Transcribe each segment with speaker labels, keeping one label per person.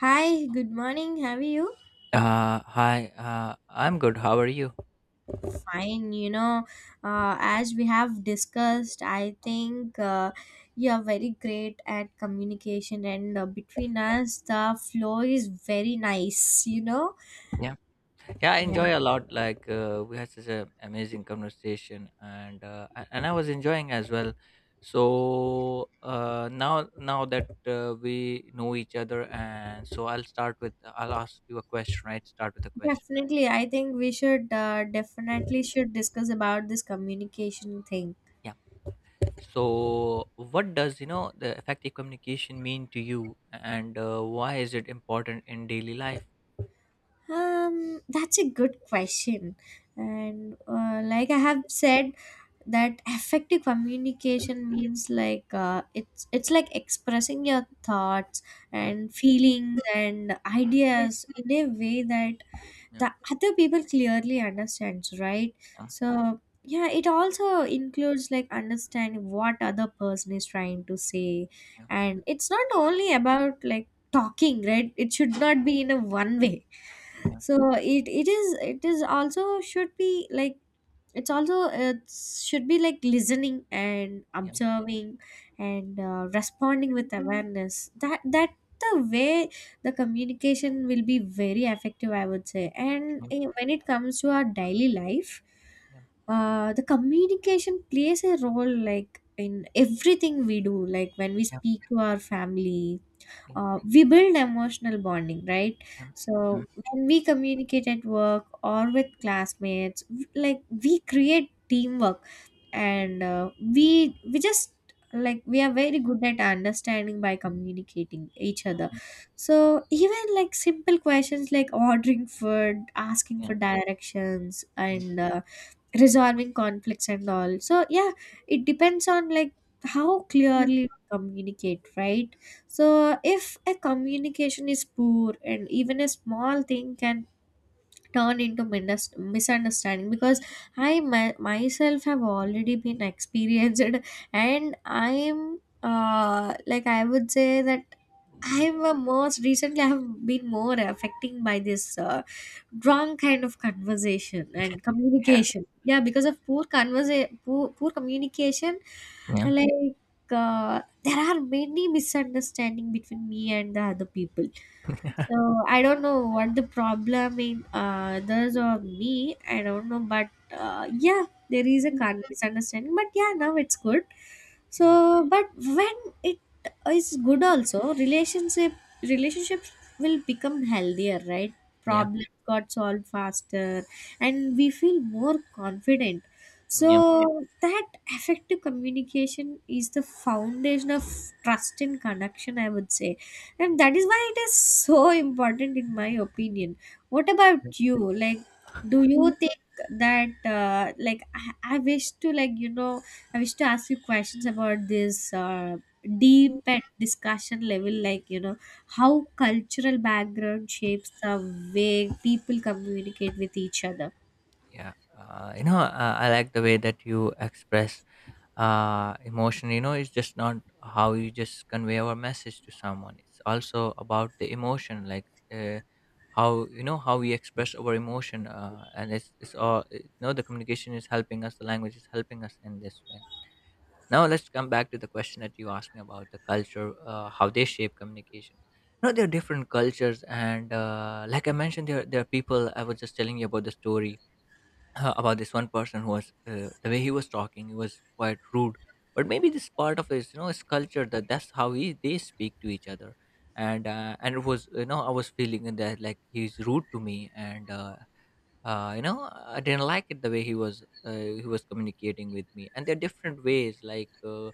Speaker 1: Hi, good morning. How are you?
Speaker 2: I'm good. How are you?
Speaker 1: Fine. As we have discussed, I think you are very great at communication, and between us, the flow is very nice.
Speaker 2: Yeah, yeah, I
Speaker 1: Yeah,
Speaker 2: enjoy a lot. We had such an amazing conversation, and I was enjoying as well. So now now that We know each other, and so I'll start with I'll ask you a question. Right, start with a question.
Speaker 1: definitely. I think we should definitely should discuss about this communication thing.
Speaker 2: Yeah. So what does the effective communication mean to you, and why is it important in daily life?
Speaker 1: That's a good question, and like I have said that effective communication means like it's like expressing your thoughts
Speaker 2: Yeah.
Speaker 1: and feelings and ideas in a way that
Speaker 2: Yeah.
Speaker 1: the other people clearly understands, right?
Speaker 2: Yeah.
Speaker 1: So yeah, it also includes like understanding what other person is trying to say, and it's not only about like talking, right? It should not be in a one way.
Speaker 2: Yeah.
Speaker 1: So it it is also should be like, it should be like listening and
Speaker 2: Yeah.
Speaker 1: observing, and responding
Speaker 2: Yeah.
Speaker 1: with awareness that the way the communication will be very effective, I would say. And
Speaker 2: Yeah.
Speaker 1: when it comes to our daily life,
Speaker 2: Yeah.
Speaker 1: the communication plays a role like in everything we do, like when we
Speaker 2: Yeah.
Speaker 1: speak to our family,
Speaker 2: Yeah.
Speaker 1: we build emotional bonding, right?
Speaker 2: Yep, yep, yep,
Speaker 1: So when we communicate at work or with classmates, like we create teamwork, and we just, like, we are very good at understanding by communicating each other. So even like simple questions like ordering food, asking
Speaker 2: yeah,
Speaker 1: for directions,
Speaker 2: mm,
Speaker 1: and resolving conflicts and all, so yeah, it depends on like how clearly you communicate, right? So if a communication is poor, and even a small thing can turn into misunderstanding, because I, myself have already been experienced and I am like I would say that I am
Speaker 2: mm,
Speaker 1: a most recently I have been more affecting by this wrong kind of conversation and
Speaker 2: yeah,
Speaker 1: communication. Yeah, because of poor poor communication,
Speaker 2: yeah,
Speaker 1: like there are many misunderstanding between me and the other people, so I don't know what the problem in others or me. I don't know, but yeah, there is a misunderstanding. But yeah, now it's good.
Speaker 2: mm,
Speaker 1: So, but when it is good, also relationships will become healthier, right?
Speaker 2: yeah,
Speaker 1: Problems got solved faster, and we feel more confident. So that effective communication is the foundation of trust and connection, I would say, and that is why it is so important, in my opinion. What
Speaker 2: yeah.
Speaker 1: about you? Like, do you think that, like, I wish to, like, you know, I wish to ask you questions about this
Speaker 2: Mm.
Speaker 1: deep and discussion level, like, you know, how cultural background shapes the way people communicate with each other.
Speaker 2: Yeah, I like the way that you express emotion. You know, it's just not how you just convey our message to someone. It's also about the emotion, like uh, how you know how we express our emotion, and it's all. You know, the communication is helping us. The language is helping us in this way. Now let's come back to the question that you asked me about the culture, how they shape communication. You know, there are different cultures, and like I mentioned, there are people. I was just telling you about the story, about this one person who was the way he was talking, he was quite rude, but maybe this part of his, you know, his culture, that that's how he they speak to each other. And it was, you know, I was feeling in that like he's rude to me, and, you know, I didn't like it the way he was, he was communicating with me. And there are different ways, like uh,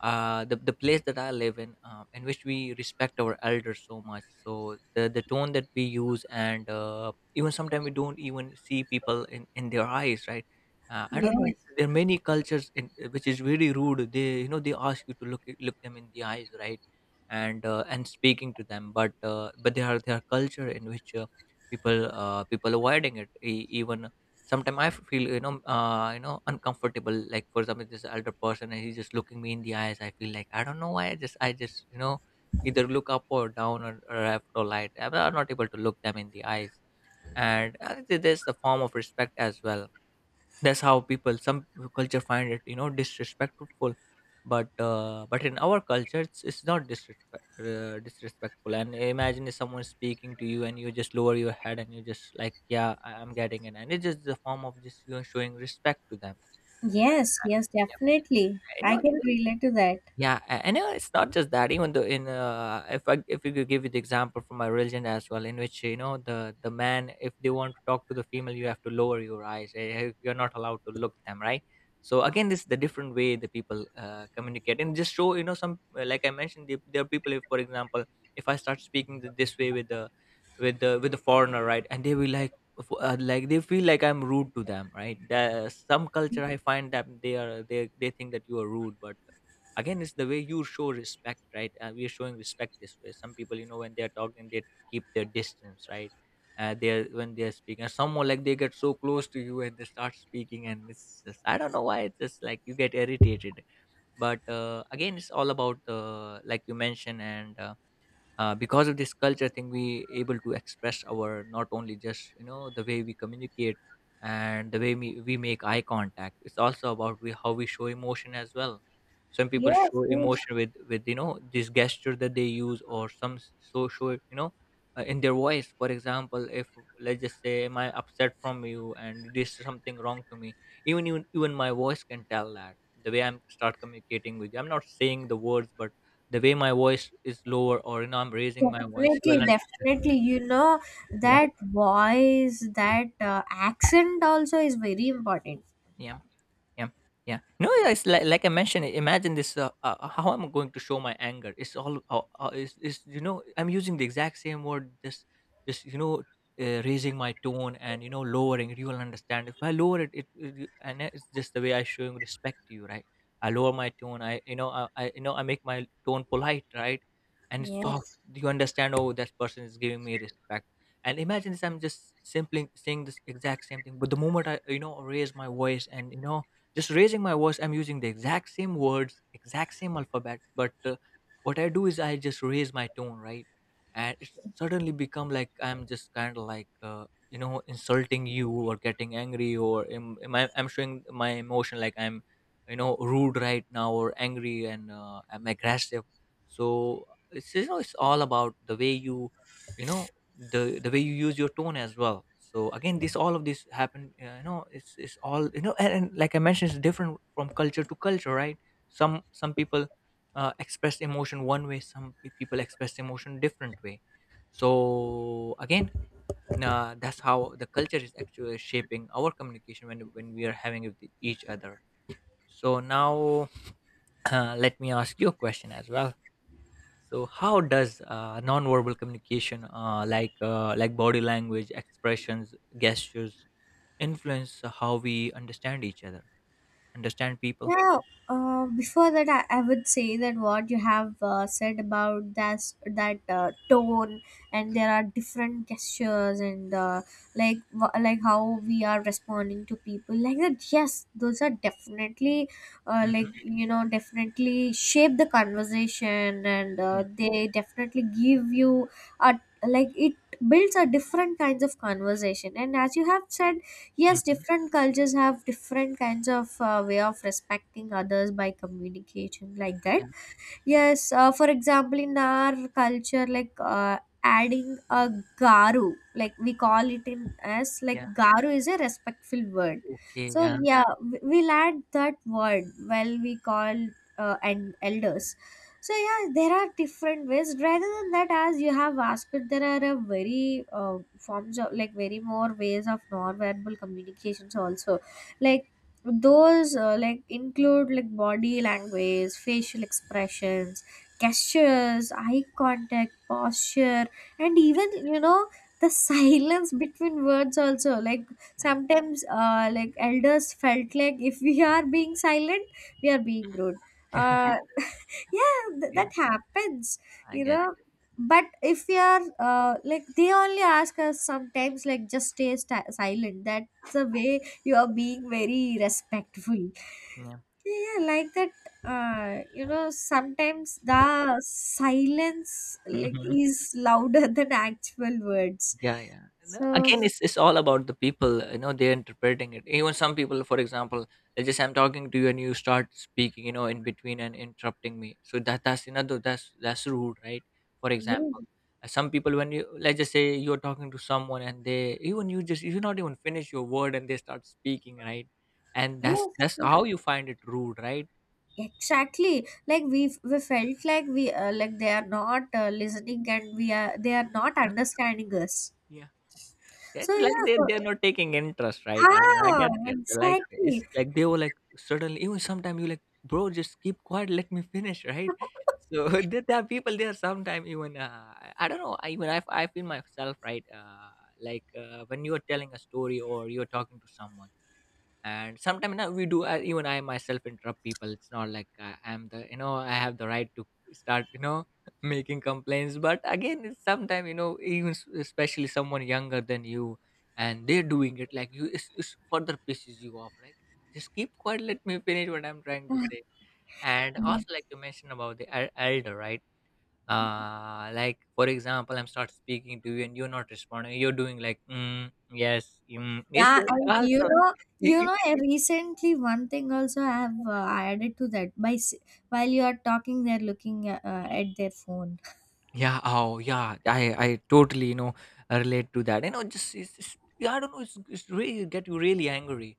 Speaker 2: uh, the place that I live in which we respect our elders so much. So the tone that we use, and even sometimes we don't even see people in their eyes, right? I don't know.
Speaker 1: Yes,
Speaker 2: There are many cultures in, which is really rude. They, you know, they ask you to look them in the eyes, right? And speaking to them, but there are culture in which people, people avoiding it. Even sometimes I feel, you know, uncomfortable. Like for example, this elder person and he's just looking me in the eyes. I feel like I don't know why. I just, you know, either look up or down, or left or right. I'm not able to look them in the eyes, and there's the form of respect as well. That's how people some culture find it, you know, disrespectful. But in our culture it's not disrespectful. And imagine if someone is speaking to you and you just lower your head and you just like, yeah, I'm getting it, and it's just the form of just, you know, showing respect to them.
Speaker 1: yes,
Speaker 2: Um,
Speaker 1: yes,
Speaker 2: yeah,
Speaker 1: definitely.
Speaker 2: you
Speaker 1: I
Speaker 2: know,
Speaker 1: can relate to that.
Speaker 2: yeah, and it's not just that. Even though in, if I, if you could, give you the example from my religion as well, in which, you know, the man, if they want to talk to the female, you have to lower your eyes. You're not allowed to look them, right? So again, this is the different way the people communicate, and just show, you know, some, like I mentioned, there are people. If for example, if I start speaking this way with the, with the foreigner, right, and they will like, like they feel like I'm rude to them, right? Some culture I find that they think that you are rude, but again, it's the way you show respect, right? We're showing respect this way. Some people, you know, when they're talking, they keep their distance, right? They're when they're speaking someone, like they get so close to you and they start speaking, and it's just, I don't know why, it's just like you get irritated. But again, it's all about, like you mentioned, and because of this culture thing, we able to express our, not only just, you know, the way we communicate and the way we, make eye contact. It's also about how we show emotion as well. Some people
Speaker 1: Yes,
Speaker 2: show
Speaker 1: yes.
Speaker 2: emotion with, you know, this gesture that they use. Or some, so, show it, you know, in their voice. For example, if, let's just say, am I upset from you, and this is something wrong to me, even my voice can tell that. The way I'm start communicating with you, I'm not saying the words, but the way my voice is lower, or, you know, I'm raising my voice, she
Speaker 1: Definitely,
Speaker 2: will
Speaker 1: definitely.
Speaker 2: understand.
Speaker 1: You know,
Speaker 2: Yep.
Speaker 1: that voice, that accent also is very important.
Speaker 2: Yeah. Yeah, yeah. No, yeah, it's like, I mentioned. Imagine this. How am I going to show my anger? It's all. Is, you know, I'm using the exact same word. This you know, raising my tone and, you know, lowering. You will understand. If I lower it, you- and it's just the way I showing respect to you, right? I lower my tone. I, you know, I make my tone polite, right? And it's soft.
Speaker 1: Yes.
Speaker 2: You understand? Oh, that person is giving me respect. And imagine this. I'm just simply saying this exact same thing. But the moment I, you know, raise my voice, and, you know, just raising my voice, I'm using the exact same words, exact same alphabets, but what I do is I just raise my tone, right? And it suddenly become like I'm just kind of like, you know, insulting you or getting angry. Or I'm showing my emotion like I'm, you know, rude right now or angry, and I'm aggressive. So it's, you know, it's all about the way you, you know, the way you use your tone as well. So again, this all of this happen, you know, it's all, you know, and like I mentioned, it's different from culture to culture, right? Some people express emotion one way, some people express emotion different way. So again, that's how the culture is actually shaping our communication when we are having with each other. So now let me ask you a question as well. So, how does nonverbal communication, like body language, expressions, gestures, influence how we understand each other, understand people?
Speaker 1: Yeah, before that, I would say that what you have said about that tone, and there are different gestures, and like, like how we are responding to people, like that. Yes, those are definitely, like
Speaker 2: Mm-hmm.
Speaker 1: you know, definitely shape the conversation, and
Speaker 2: Yeah.
Speaker 1: they definitely give you a, like, it builds a different kinds of conversation. And as you have said, yes,
Speaker 2: Mm-hmm.
Speaker 1: different cultures have different kinds of way of respecting others by communication, like that.
Speaker 2: Yeah.
Speaker 1: Yes, for example, in our culture, like adding a garu, like we call it in, as like
Speaker 2: Yeah.
Speaker 1: garu is a respectful word.
Speaker 2: Okay.
Speaker 1: So
Speaker 2: Yeah.
Speaker 1: yeah, we'll add that word while we call and elders. So yeah, there are different ways. Rather than that, as you have asked, there are a very forms of like very more ways of non-verbal communications also, like those like include like body language, facial expressions, gestures, eye contact, posture, and even you know the silence between words also, like
Speaker 2: Yeah.
Speaker 1: sometimes like elders felt like if we are being silent, we are being rude, uh, yeah, that
Speaker 2: Yeah.
Speaker 1: happens,
Speaker 2: I
Speaker 1: you
Speaker 2: get. It.
Speaker 1: know. But if we are like, they only ask us sometimes like, just stay silent, that's the way you are being very respectful,
Speaker 2: Yeah.
Speaker 1: yeah, like that. You know, sometimes the silence like
Speaker 2: Hmm.
Speaker 1: is louder than actual words,
Speaker 2: Yeah, yeah, you know?
Speaker 1: so
Speaker 2: Again, it's all about the people. You know, they're interpreting it. Even some people, for example, they just, I'm talking to you and you start speaking, you know, in between and interrupting me. So that, that's rude, right? For
Speaker 1: yeah,
Speaker 2: example, some people when you, let's just say you're talking to someone and they even, you just, you not even finish your word and they start speaking, right? And
Speaker 1: yeah,
Speaker 2: that's
Speaker 1: yeah,
Speaker 2: how you find it rude, right?
Speaker 1: exactly, like we felt like we, like, they are not listening and we are, they are not
Speaker 2: Yeah.
Speaker 1: understanding us.
Speaker 2: Yeah. Yeah,
Speaker 1: So
Speaker 2: it's like
Speaker 1: yeah,
Speaker 2: they,
Speaker 1: so
Speaker 2: they're not taking interest, right? I
Speaker 1: ah,
Speaker 2: get that. Like, it's
Speaker 1: exactly.
Speaker 2: like they were like suddenly, even sometimes you like, bro, just keep quiet, let me finish, right? So there are people there sometimes, even I don't know. I even I feel myself right. Like when you are telling a story or you're talking to someone, and sometimes now we do, even I myself interrupt people. It's not like I'm the, you know, I have the right to start, you know, making complaints. But again, sometimes, you know, even especially someone younger than you, and they're doing it like you, it's further pisses you off, like, just keep quiet, let me finish what I'm trying to say. And also like you mentioned about the elder, right? Like for example, I'm start speaking to you and you're not responding, you're doing like mm, yes, mm, yes,
Speaker 1: Yeah, and you
Speaker 2: also.
Speaker 1: know, I recently one thing also I have added to that. While you are talking, they're looking at their phone.
Speaker 2: Yeah. Oh, yeah. I totally, you know, relate to that. You know, just yeah, I don't know. It's really get you really angry.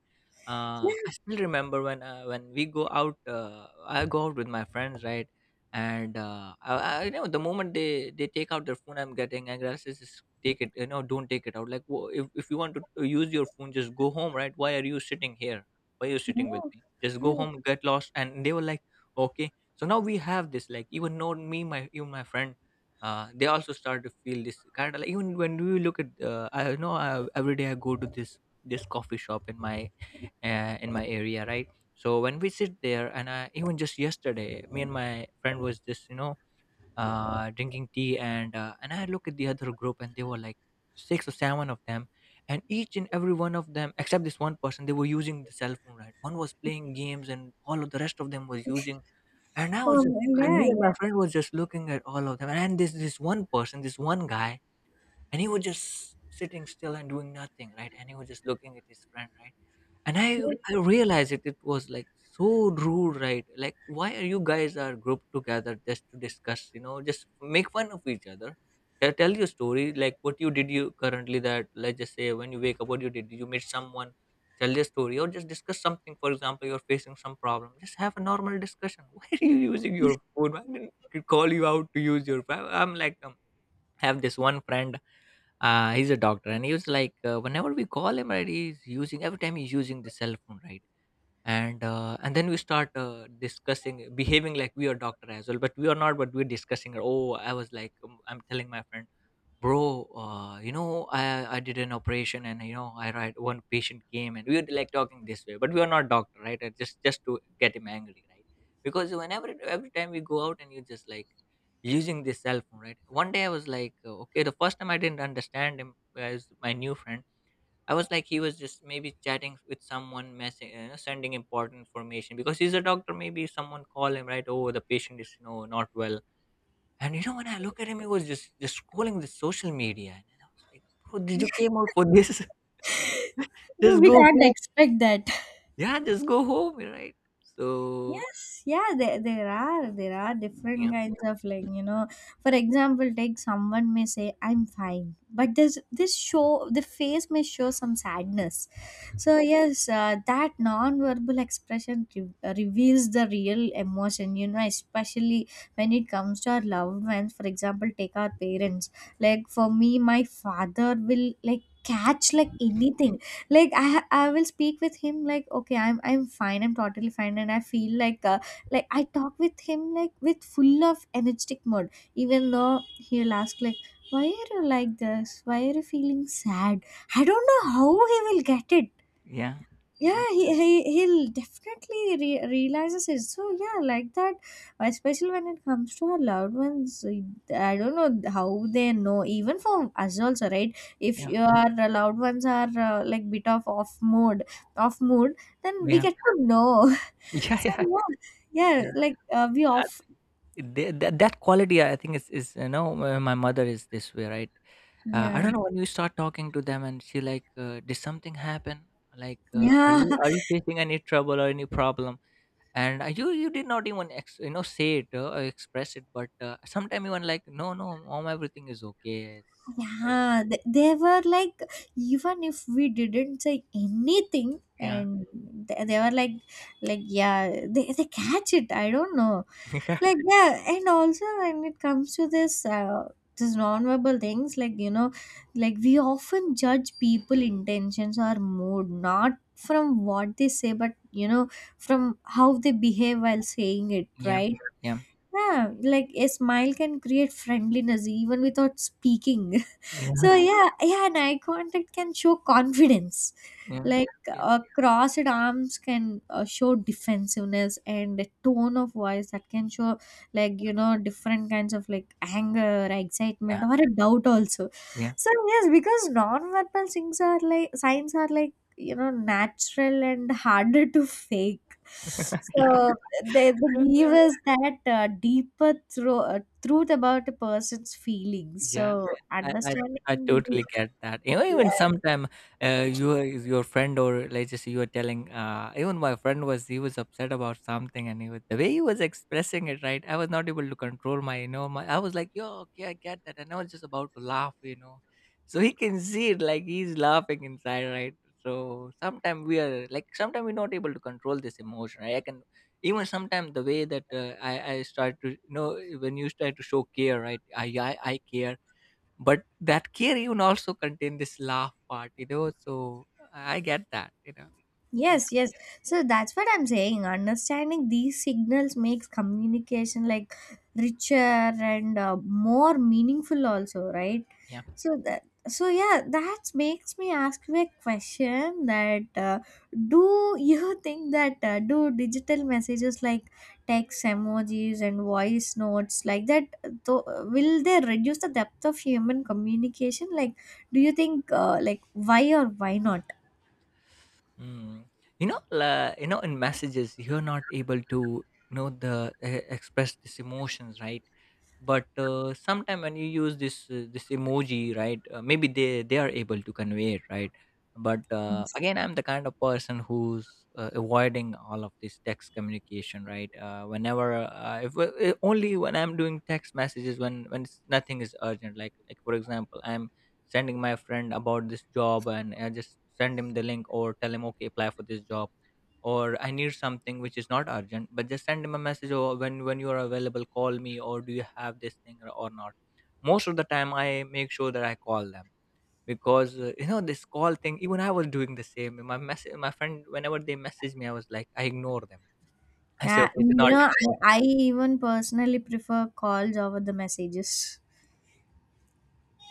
Speaker 1: Yeah,
Speaker 2: I still remember when, when we go out. I go out with my friends, right? And I, you know, the moment they take out their phone, I'm getting angry. I says, "Just take it. You know, don't take it out. Like, if you want to use your phone, just go home, right? Why are you sitting here? Why are you sitting
Speaker 1: yeah,
Speaker 2: with me? Just go
Speaker 1: yeah.
Speaker 2: home, get lost. And they were like, okay. So now we have this. Like, even know me, my even my friend, they also start to feel this kind of like even when we look at I know I, every day I go to this coffee shop in my, in my area, right? So when we sit there, and I, even just yesterday, me and my friend was just drinking tea, and and I look at the other group, and they were like 6 or 7 of them. And each and every one of them, except this one person, they were using the cell phone, right? One was playing games, and all of the rest of them was using, and I was just,
Speaker 1: Oh,
Speaker 2: and me
Speaker 1: yeah,
Speaker 2: and
Speaker 1: yeah.
Speaker 2: my friend was just looking at all of them. And this one person, this one guy, and he was just sitting still and doing nothing, right? And he was just looking at his friend, right? And I realized it was like so rude, right? Like, why are you guys are grouped together just to discuss, you know, just make fun of each other? Tell your story, like what you did you currently, that, let's just say when you wake up, what you did, you meet someone, tell your story, or just discuss something. For example, you're facing some problem, just have a normal discussion. Why are you using your phone? I didn't call you out to use your phone. I have this one friend, he's a doctor, and he was like, whenever we call him, right, he's using, every time he's using the cell phone, right? And and then we start discussing, behaving like we are doctor as well, but we are not, but we're discussing. Oh i was like um, I'm telling my friend, "Bro, you know, I did an operation, and you know, I, right? One patient came, and we were like talking this way," but we are not doctor, right? Just to get him angry, right? Because whenever, every time we go out, and you just like using this cell phone, right? One day I was like, okay, the first time I didn't understand him, as my new friend. I was like, he was just maybe chatting with someone, messing, you know, sending important information, because he's a doctor, maybe someone call him, right? Oh, the patient is, you know, not well. And you know, when I look at him, he was just scrolling the social media, and I was like, "Bro, did you came out for this? Just
Speaker 1: We
Speaker 2: go
Speaker 1: can't
Speaker 2: home.
Speaker 1: expect that.
Speaker 2: Yeah, just go home, right?" So
Speaker 1: Yes, yeah, there are different
Speaker 2: yeah,
Speaker 1: kinds of, like, you know. For example, take, someone may say I'm fine, but this show, the face may show some sadness. So yes, that non-verbal expression reveals the real emotion. You know, especially when it comes to our loved ones. For example, take our parents. Like for me, my father will like catch like anything, like I will speak with him like, okay, I'm fine, I'm totally fine, and I feel like I talk with him like with full of energetic mode. Even though he'll ask like, why are you like this, why are you feeling sad? I don't know how he will get it.
Speaker 2: yeah, yeah,
Speaker 1: Yeah, he'll definitely realizes it, so yeah, like that, especially when it comes to our loved ones. I don't know how they know, even for us also, right? If
Speaker 2: yeah,
Speaker 1: your loved ones are like bit of off mood, then we
Speaker 2: yeah,
Speaker 1: get to know
Speaker 2: yeah,
Speaker 1: so
Speaker 2: yeah,
Speaker 1: yeah, yeah, like,
Speaker 2: yeah.
Speaker 1: we off,
Speaker 2: That quality, I think, is, you know, my mother is this way, right? I
Speaker 1: yeah,
Speaker 2: don't know, when you start talking to them, and she like, "Did something happen? Like, are
Speaker 1: yeah.
Speaker 2: you facing any trouble or any problem?" And you did not even you know, say it or express it. But sometimes, even like, "No, no, mom, everything is okay." It's,
Speaker 1: Yeah, they were like, even if we didn't say anything,
Speaker 2: yeah.
Speaker 1: and they were like yeah, they catch it. I don't know, like yeah. And also when it comes to this, this non-verbal things, like you know, like we often judge people intentions or mood not from what they say, but, from how they behave while saying it,
Speaker 2: Yeah,
Speaker 1: right?
Speaker 2: yeah, yeah,
Speaker 1: Yeah, like a smile can create friendliness even without speaking. So yeah, yeah, an eye contact can show confidence,
Speaker 2: yeah,
Speaker 1: like,
Speaker 2: yeah,
Speaker 1: crossed arms can show defensiveness, and a tone of voice that can show, like, different kinds of, like, anger,
Speaker 2: yeah,
Speaker 1: excitement, or a doubt also.
Speaker 2: yeah,
Speaker 1: So yes, because non-verbal things are like signs, are like, you know, natural and harder to fake,
Speaker 2: yeah.
Speaker 1: so they give us that deeper truth about a person's feelings.
Speaker 2: Yeah,
Speaker 1: So
Speaker 2: I I
Speaker 1: understanding
Speaker 2: I
Speaker 1: the,
Speaker 2: totally get that. You know,
Speaker 1: yeah.
Speaker 2: even sometime, you, your friend, or let's just, you were telling, even my friend was, he was upset about something, and he was, the way he was expressing it, right? I was not able to control my, you know, my. I was like, yo, okay, I get that, and I was just about to laugh, you know. So he can see it, like he's laughing inside, right? So sometimes we are like, sometimes we're not able to control this emotion, right? I can, even sometimes the way that I start to, you know, when you start to show care, right? I care, but that care even also contain this laugh part, you know. So I get that, you know. Yeah,
Speaker 1: Yes, yes. So that's what I'm saying. Understanding these signals makes communication like richer and more meaningful also, right?
Speaker 2: yeah.
Speaker 1: So that, so yeah, that makes me ask you a question, that do you think that do digital messages like text, emojis, and voice notes, like that, will they reduce the depth of human communication, like, do you think like, why or why not?
Speaker 2: Mm. You know, la, you know, in messages, you're not able to, you know, the, express these emotions, right? But sometime, when you use this emoji, right, maybe they are able to convey it, right? But again, I'm the kind of person who's avoiding all of this text communication, right? Whenever, if, only when I'm doing text messages, when it's, nothing is urgent. Like, for example, I'm sending my friend about this job, and I just send him the link, or tell him, okay, apply for this job, or I need something which is not urgent, but just send him a message, or when you are available, call me, or do you have this thing or not. Most of the time, I make sure that I call them, because you know, this call thing. Even I was doing the same. My message, my friend, whenever they message me, I was like, I ignore them. I say,
Speaker 1: Yeah,
Speaker 2: okay, it's
Speaker 1: you
Speaker 2: not
Speaker 1: know,
Speaker 2: important.
Speaker 1: I even personally prefer calls over the messages.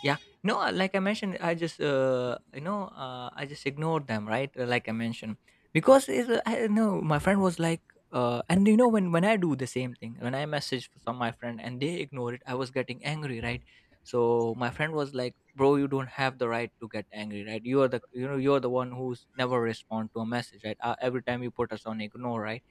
Speaker 2: Yeah. No, like I mentioned, I just, I just ignored them, right? Like I mentioned, because it's, I don't know, my friend was like, and you know, when I do the same thing, when I message some my friend and they ignore it, I was getting angry, right? So my friend was like, "Bro, you don't have the right to get angry, right? You are the, you know, you are the one who's never respond to a message, right? Every time you put us on ignore, right?"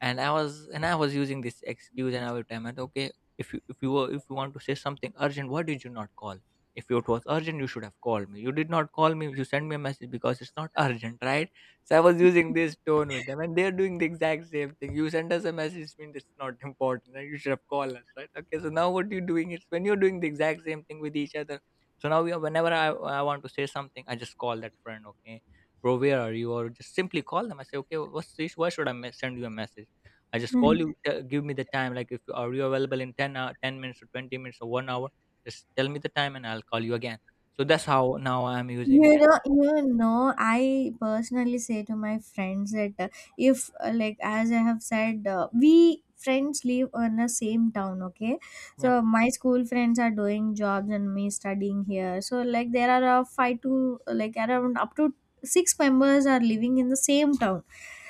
Speaker 2: And I was using this excuse, and I would tell them, okay, if you, if you were if you want to say something urgent, why did you not call me? If it was urgent, you should have called me. You did not call me, you sent me a message, because it's not urgent, right? So I was using this tone with them, and they're doing the exact same thing. You send us a message means it's not important, and you should have called us, right? Okay, so now what you're doing is, when you're doing the exact same thing with each other. So now we are, whenever I want to say something, I just call that friend. Okay, bro, where are you? Or just simply call them. I say, okay, what's this? Why should I send you a message? I just call
Speaker 1: Mm.
Speaker 2: you. Give me the time. Like, if are you available in 10, hour, 10 minutes or 20 minutes or 1 hour, just tell me the time and I'll call you again. So that's how now I'm using,
Speaker 1: You
Speaker 2: you
Speaker 1: know,
Speaker 2: know.
Speaker 1: I personally say to my friends that if, like, as I have said, we friends live in the same town, okay?
Speaker 2: Yeah.
Speaker 1: So my school friends are doing jobs and me studying here. So like, there are five to like around up to six members are living in the same town.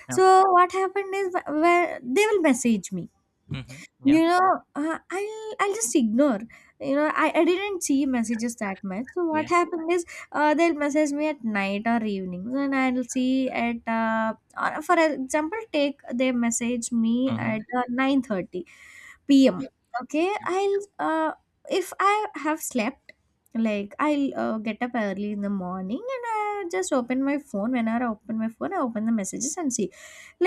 Speaker 2: Yeah.
Speaker 1: So what happened is, where they will message me.
Speaker 2: Mm-hmm. Yeah.
Speaker 1: You know, I'll just ignore. You know, I didn't see messages that much. So what
Speaker 2: Yeah.
Speaker 1: happened is, they'll message me at night or evenings, and I'll see at, or for example, take, they message me at
Speaker 2: Mm-hmm.
Speaker 1: nine thirty
Speaker 2: Yeah.
Speaker 1: pm okay?
Speaker 2: Yeah.
Speaker 1: I'll, uh, if I have slept, like, I'll get up early in the morning, and I just open my phone. Whenever I open my phone, I open the messages and see,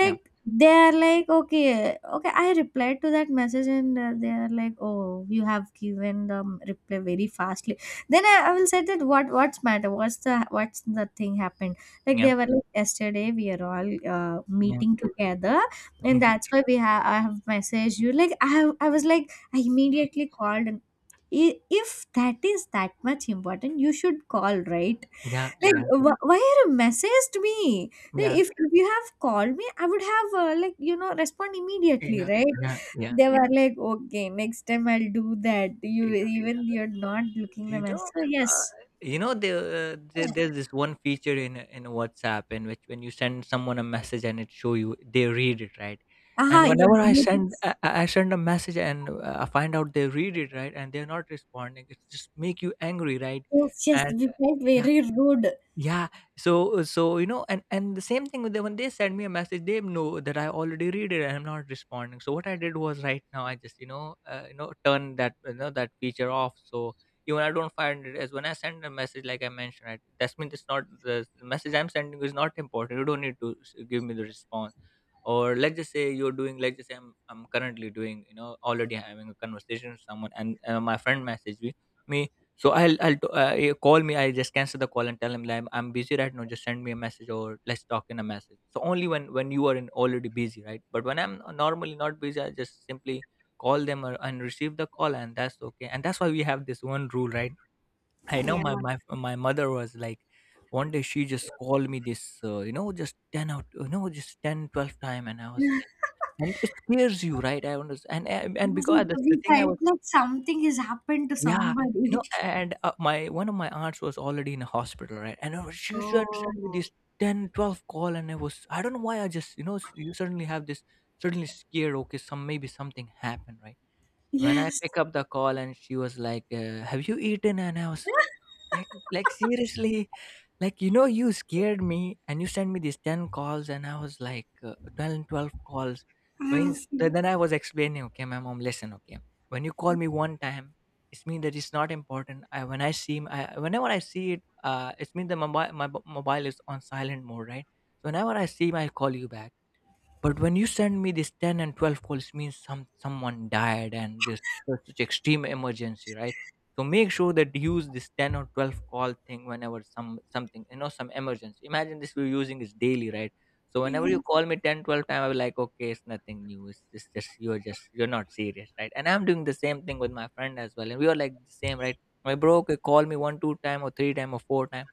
Speaker 2: Yeah.
Speaker 1: they are like, okay. Okay, I replied to that message, and they are like, oh, you have given the reply very fastly. Then I will say that, what's the what's the thing happened? Like
Speaker 2: Yeah.
Speaker 1: they were like, yesterday we are all
Speaker 2: Yeah.
Speaker 1: meeting together,
Speaker 2: Yeah.
Speaker 1: and that's why we have, I have messaged you, like, I was like, I immediately called, and if that is that much important, you should call, right?
Speaker 2: Yeah.
Speaker 1: Like, why are you messaged me? Like,
Speaker 2: Yeah.
Speaker 1: if you have called me, I would have like, you know, respond immediately, right?
Speaker 2: Yeah. Yeah.
Speaker 1: They were like, okay, next time I'll do that, you
Speaker 2: Yeah.
Speaker 1: even you're not looking the
Speaker 2: You know,
Speaker 1: message, so
Speaker 2: uh,
Speaker 1: yes.
Speaker 2: you know, there, there's this one feature in WhatsApp, in which when you send someone a message and it show you they read it, right?
Speaker 1: Aha,
Speaker 2: And whenever
Speaker 1: yes,
Speaker 2: I
Speaker 1: you did.
Speaker 2: send, I send a message, and I find out they read it, right, and they're not responding, it just make you angry, right?
Speaker 1: Yes, yes,
Speaker 2: And
Speaker 1: we felt
Speaker 2: yeah,
Speaker 1: very rude.
Speaker 2: yeah. So, you know, and the same thing with them, when they send me a message, they know that I already read it and I'm not responding. So what I did was, right now I just, you know, you know, turn that, you know, that feature off. So even I don't find it. As when I send a message, like I mentioned, right, that's means it's not, the message I'm sending is not important, you don't need to give me the response. Or let's just say, you're doing, let's just say, I'm currently doing, you know, already having a conversation with someone, and my friend messaged me. So I'll call me. I just cancel the call and tell him like, I'm busy right now. Just send me a message or let's talk in a message. So only when you are in already busy, right? But when I'm normally not busy, I just simply call them, or, and receive the call, and that's okay. And that's why we have this one rule, right? I know
Speaker 1: Yeah.
Speaker 2: my, my mother was like, one day she just called me this, you know, just ten out, you know, just 10, 12 time, and I was like, and it scares you, right? I understand, and and,
Speaker 1: Yes,
Speaker 2: because the
Speaker 1: we
Speaker 2: thing I,
Speaker 1: felt like something has happened to
Speaker 2: yeah, you
Speaker 1: somebody.
Speaker 2: know, and my, one of my aunts was already in a hospital, right? And she should send me
Speaker 1: Oh,
Speaker 2: this 10, 12 call, and I don't know why I just, you know, you suddenly have this, suddenly scared. Okay, some maybe something happened, right? When I
Speaker 1: yes.
Speaker 2: pick up the call, and she was like, "Have you eaten?" And I was like, "Like like, seriously?" Like, you scared me and you sent me these 10 calls, and I was like, 12 twelve calls, means
Speaker 1: I,
Speaker 2: then I was explaining. Okay, my mom, listen. Okay, when you call me one time, it's mean that it's not important. I when I see m- I, Whenever I see it, it's mean that my mobile is on silent mode, right? So whenever I see, I'll call you back. But when you send me this 10 and 12 calls, means someone died, and this such extreme emergency, right? So make sure that you use this 10 or 12 call thing whenever something, some emergency. Imagine this we're using is daily, right? So whenever you
Speaker 1: yes,
Speaker 2: call me 10, twelve 12 times, I'll be like, okay, it's nothing new. It's just you're not serious, right? And I'm doing the same thing with my friend as well. And we are like the same, right? My bro, okay, call me one, two time or three time or four time,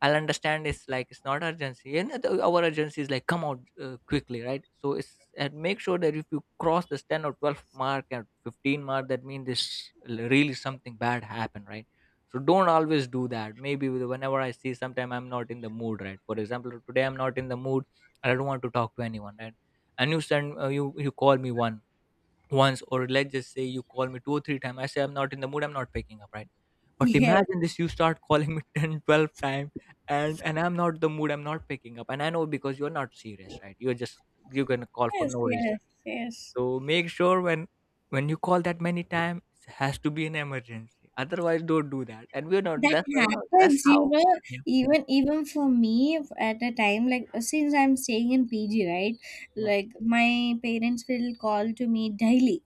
Speaker 2: I'll understand. It's like it's not urgency, and our urgency is like come out, quickly, right? So it's and make sure that if you cross this 10 or 12 mark and 15 mark, that means this really something bad happened, right? So don't always do that. Maybe whenever I see, sometime I'm not in the mood, right? For example, today I'm not in the mood, and I don't want to talk to anyone, right? And you send you you call me one once, or let's just say you call me two or three times. I say I'm not in the mood, I'm not picking up, right? But
Speaker 1: yes,
Speaker 2: imagine this, you start calling me 10, 12 times, and I'm not the mood, I'm not picking up. And I know because you're not serious, right? You're gonna call for
Speaker 1: yes,
Speaker 2: no reason.
Speaker 1: yes, yes.
Speaker 2: So make sure, when you call that many times, it has to be an emergency. Otherwise, don't do that. And we're not,
Speaker 1: That
Speaker 2: that's why. No, that's
Speaker 1: happens, you
Speaker 2: how.
Speaker 1: know,
Speaker 2: Yeah,
Speaker 1: even for me, at a time, like, since I'm staying in PG, right?
Speaker 2: yeah,
Speaker 1: Like my parents will call to me daily.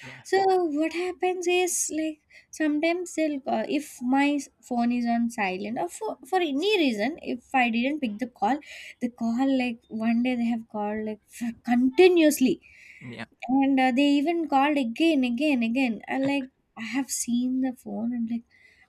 Speaker 2: yeah,
Speaker 1: So what happens is, like, sometimes they'll call if my phone is on silent, or for any reason if I didn't pick the call, the call, like one day they have called like for continuously,
Speaker 2: yeah,
Speaker 1: and they even called again, again, again. And, like, I have seen the phone, and, like,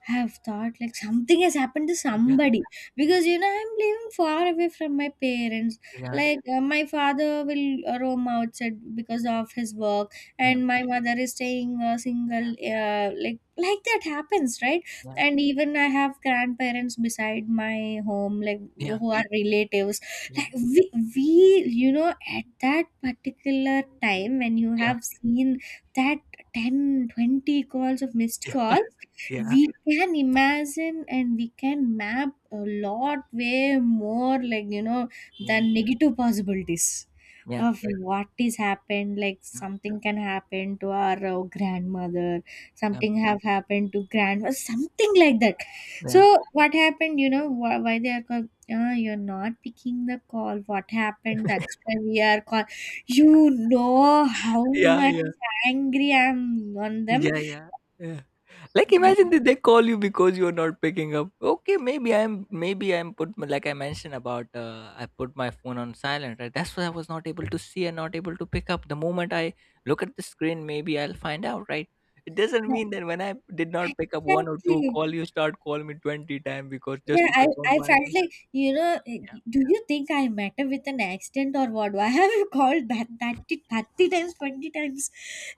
Speaker 1: I have thought like something has happened to
Speaker 2: yeah,
Speaker 1: somebody, because you know I'm living far away from my parents.
Speaker 2: yeah,
Speaker 1: Like, my father will roam outside because of his work,
Speaker 2: yeah,
Speaker 1: and my mother is staying,
Speaker 2: yeah,
Speaker 1: single. Like that happens, right?
Speaker 2: yeah,
Speaker 1: And even I have grandparents beside my home, like,
Speaker 2: yeah,
Speaker 1: who are relatives, like, we, you know, at that particular time when
Speaker 2: yeah, yeah,
Speaker 1: you
Speaker 2: yeah, yeah,
Speaker 1: have seen that 10, 20 calls of missed calls,
Speaker 2: yeah, yeah,
Speaker 1: we can imagine and we can map a lot way more, like, you know, the negative possibilities
Speaker 2: yeah,
Speaker 1: of, right, what is happened, like,
Speaker 2: yeah,
Speaker 1: something can happen to our grandmother,
Speaker 2: yeah,
Speaker 1: something have happened to grandma, something like that. So
Speaker 2: yeah.
Speaker 1: what happened, you know, why they are called? Yeah, you're not picking the call, what happened? That's why we are call. You know how
Speaker 2: Yeah,
Speaker 1: much
Speaker 2: yeah.
Speaker 1: angry I'm on them.
Speaker 2: Yeah, yeah. Yeah. Like, imagine that they call you because you're not picking up. Okay, maybe I'm put, like I mentioned about, I put my phone on silent, right? That's why I was not able to see and not able to pick up. The moment I look at the screen, maybe I'll find out, right? It doesn't
Speaker 1: Yeah.
Speaker 2: mean that when I did not pick up one or two
Speaker 1: Exactly.
Speaker 2: call, you start calling me 20 times, because just
Speaker 1: Yeah,
Speaker 2: to confirm
Speaker 1: I
Speaker 2: my,
Speaker 1: felt like, you know,
Speaker 2: yeah,
Speaker 1: do you think I matter with an accident or what? Why have you called that that it 30 times, 20 times?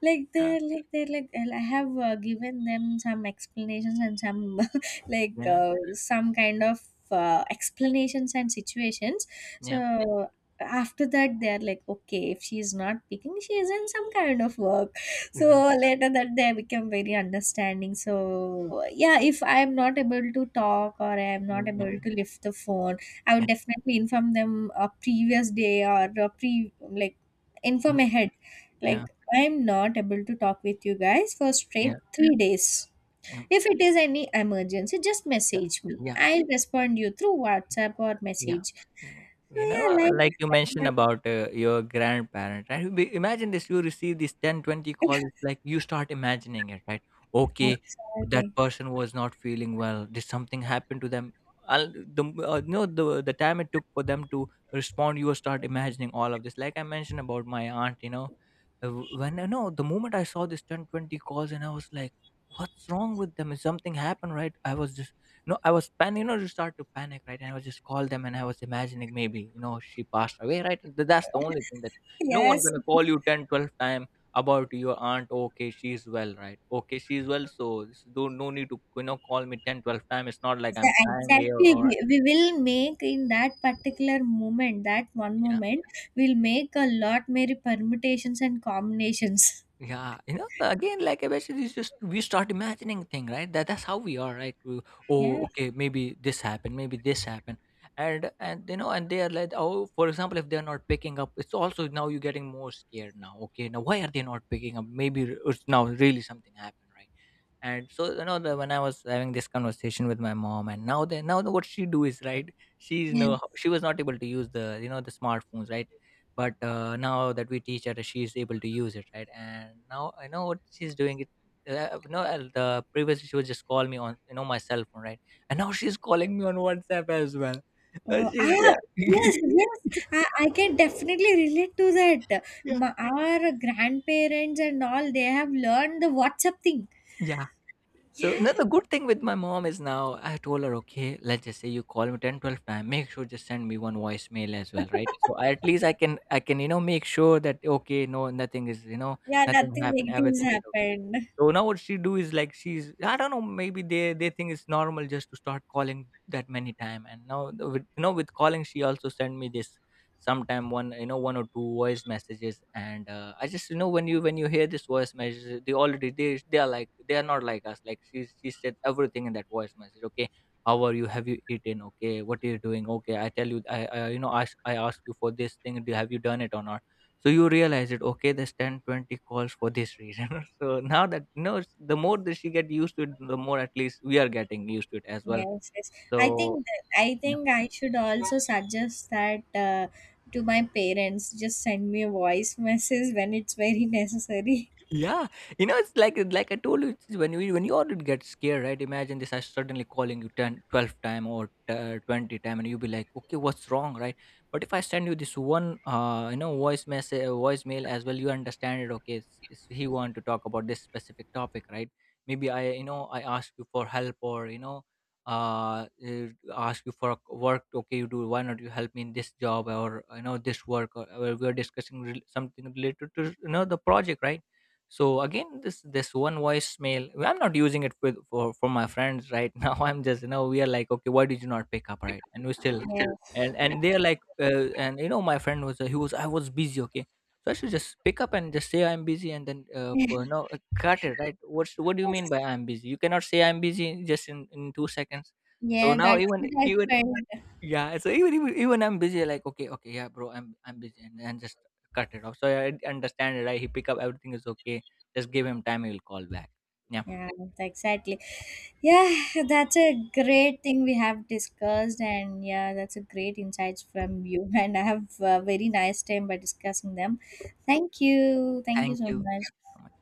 Speaker 1: Like,
Speaker 2: yeah.
Speaker 1: they're like, they're like, and I have given them some explanations and some, like,
Speaker 2: Yeah,
Speaker 1: some kind of explanations and situations.
Speaker 2: yeah.
Speaker 1: So, after that, they're like, okay, if she's not picking, she's in some kind of work, so
Speaker 2: Yeah.
Speaker 1: later that they become very understanding. So yeah, if I am not able to talk, or I am not
Speaker 2: Mm, yeah,
Speaker 1: able to lift the phone, I would
Speaker 2: yeah.
Speaker 1: definitely inform them a previous day, or a pre, like,
Speaker 2: Mm,
Speaker 1: inform ahead, like,
Speaker 2: yeah,
Speaker 1: I am not able to talk with you guys for
Speaker 2: yeah,
Speaker 1: straight 3 days. If it is any emergency, just
Speaker 2: yeah,
Speaker 1: message me,
Speaker 2: yeah.
Speaker 1: I'll respond you through WhatsApp or
Speaker 2: Yeah.
Speaker 1: message,
Speaker 2: Yeah.
Speaker 1: so
Speaker 2: You
Speaker 1: yeah,
Speaker 2: know,
Speaker 1: like
Speaker 2: like you mentioned
Speaker 1: that.
Speaker 2: about, your grandparent, right? Imagine this, you receive these 10, 20 calls, it's like you start imagining it, right? Okay, that
Speaker 1: Exactly,
Speaker 2: person was not feeling well. Did something happen to them? I'll, the, no, the time it took for them to respond, you start imagining all of this. Like I mentioned about my aunt, you know, when no, the moment I saw this 10, 20 calls, and I was like, what's wrong with them? Is something happened, right? I was just, no, I was pan. You know, you start to panic, right? And I was just call them, and I was imagining maybe, you know, she passed away, right? That's the only thing. That no one
Speaker 1: yes.
Speaker 2: gonna call you 10, twelve 12 time about your aunt. Okay, she's well, right? Okay, she's well. So don't, no need to call me 10, twelve 12 time. It's not like I'm crying here,
Speaker 1: Exactly,
Speaker 2: or,
Speaker 1: we will make, in that particular moment, that one
Speaker 2: yeah.
Speaker 1: moment, we'll make a lot many permutations and combinations.
Speaker 2: Yeah, you know, again, like I mentioned, it's just we start imagining thing, right? That's how we are, right? We, oh,
Speaker 1: Yes,
Speaker 2: okay, maybe this happened, maybe this happened. And you know, and they are like, oh, for example, if they're not picking up, it's also now you're getting more scared now. Okay, now why are they not picking up? Maybe it's now really something happened, right? And so, you know, when I was having this conversation with my mom. And now, what she do is, right? she's
Speaker 1: yes.
Speaker 2: No, she was not able to use the you know the smartphones, right. But now that we teach her, she's able to use it, right. And now I know what she's doing it. No, the previously, she would just call me on my cell phone, right. And now she's calling me on WhatsApp as well.
Speaker 1: Oh,
Speaker 2: She's
Speaker 1: ah,
Speaker 2: Yeah.
Speaker 1: yes, yes. I can definitely relate to that. Ma, our grandparents and all, they have learned the WhatsApp thing.
Speaker 2: Yeah. So
Speaker 1: Yeah,
Speaker 2: now the good thing with my mom is, now I told her, okay, let's just say you call me 10, 12 time, make sure just send me one voicemail as well, right? So at least I can, make sure that, okay, no, nothing is,
Speaker 1: yeah,
Speaker 2: nothing
Speaker 1: nothing
Speaker 2: happened,
Speaker 1: negative has
Speaker 2: everything is okay.
Speaker 1: happened.
Speaker 2: So now what she do is, like, she's I don't know, maybe they think it's normal just to start calling that many time. And now with, with calling, she also sent me this sometime, one you know one or two voice messages, and I just, when you hear this voice message, they already they are like, they are not like us. Like she said everything in that voice message. Okay, how are you, have you eaten, okay, what are you doing, okay, I tell you, I ask you for this thing, do have you done it or not. So you realize it, okay, there's 10, 20 calls for this reason. So now that you know, the more that she get used to it, the more at least we are getting used to it as well.
Speaker 1: Yes, yes. I
Speaker 2: So,
Speaker 1: think that, I think I should also suggest that to my parents. Just send me a voice message when it's very necessary.
Speaker 2: yeah. You know, it's like, I told you, it's when you already get scared, right? Imagine this: I suddenly calling you 10, 12 time, or 20 time, and you be like, "Okay, what's wrong?" Right? But if I send you this one, voice message, voicemail as well, you understand it. Okay, he want to talk about this specific topic, right? Maybe I ask you for help, or uh, uh, ask you for a work. Okay, you do. Why not you help me in this job, or this work? Or we are discussing something related to, the project, right? So again, this one voicemail, I'm not using it with, for my friends, right. Now I'm just, we are like, okay, why did you not pick up, right? And we still.
Speaker 1: Yeah.
Speaker 2: and
Speaker 1: Yes.
Speaker 2: and they're like, and you know, my friend was, he was I was busy, okay. So I should just pick up and just say I'm busy, and then,
Speaker 1: Yeah.
Speaker 2: cut it, right. What do you mean by "I'm busy"? You cannot say "I'm busy" just in 2 seconds. So
Speaker 1: Yeah,
Speaker 2: now,
Speaker 1: that's what
Speaker 2: even,
Speaker 1: I felt.
Speaker 2: yeah. So even I'm busy, like, okay, okay, yeah, bro, I'm busy, and then just cut it off. So yeah, I understand it. I He pick up, everything is okay. Just give him time. He will call back. Yeah.
Speaker 1: Yeah, exactly. Yeah, that's a great thing we have discussed, and yeah, that's a great insights from you. And I have a very nice time by discussing them. Thank you. Thank you
Speaker 2: Thank
Speaker 1: so
Speaker 2: you.
Speaker 1: much.
Speaker 2: Thank you so much.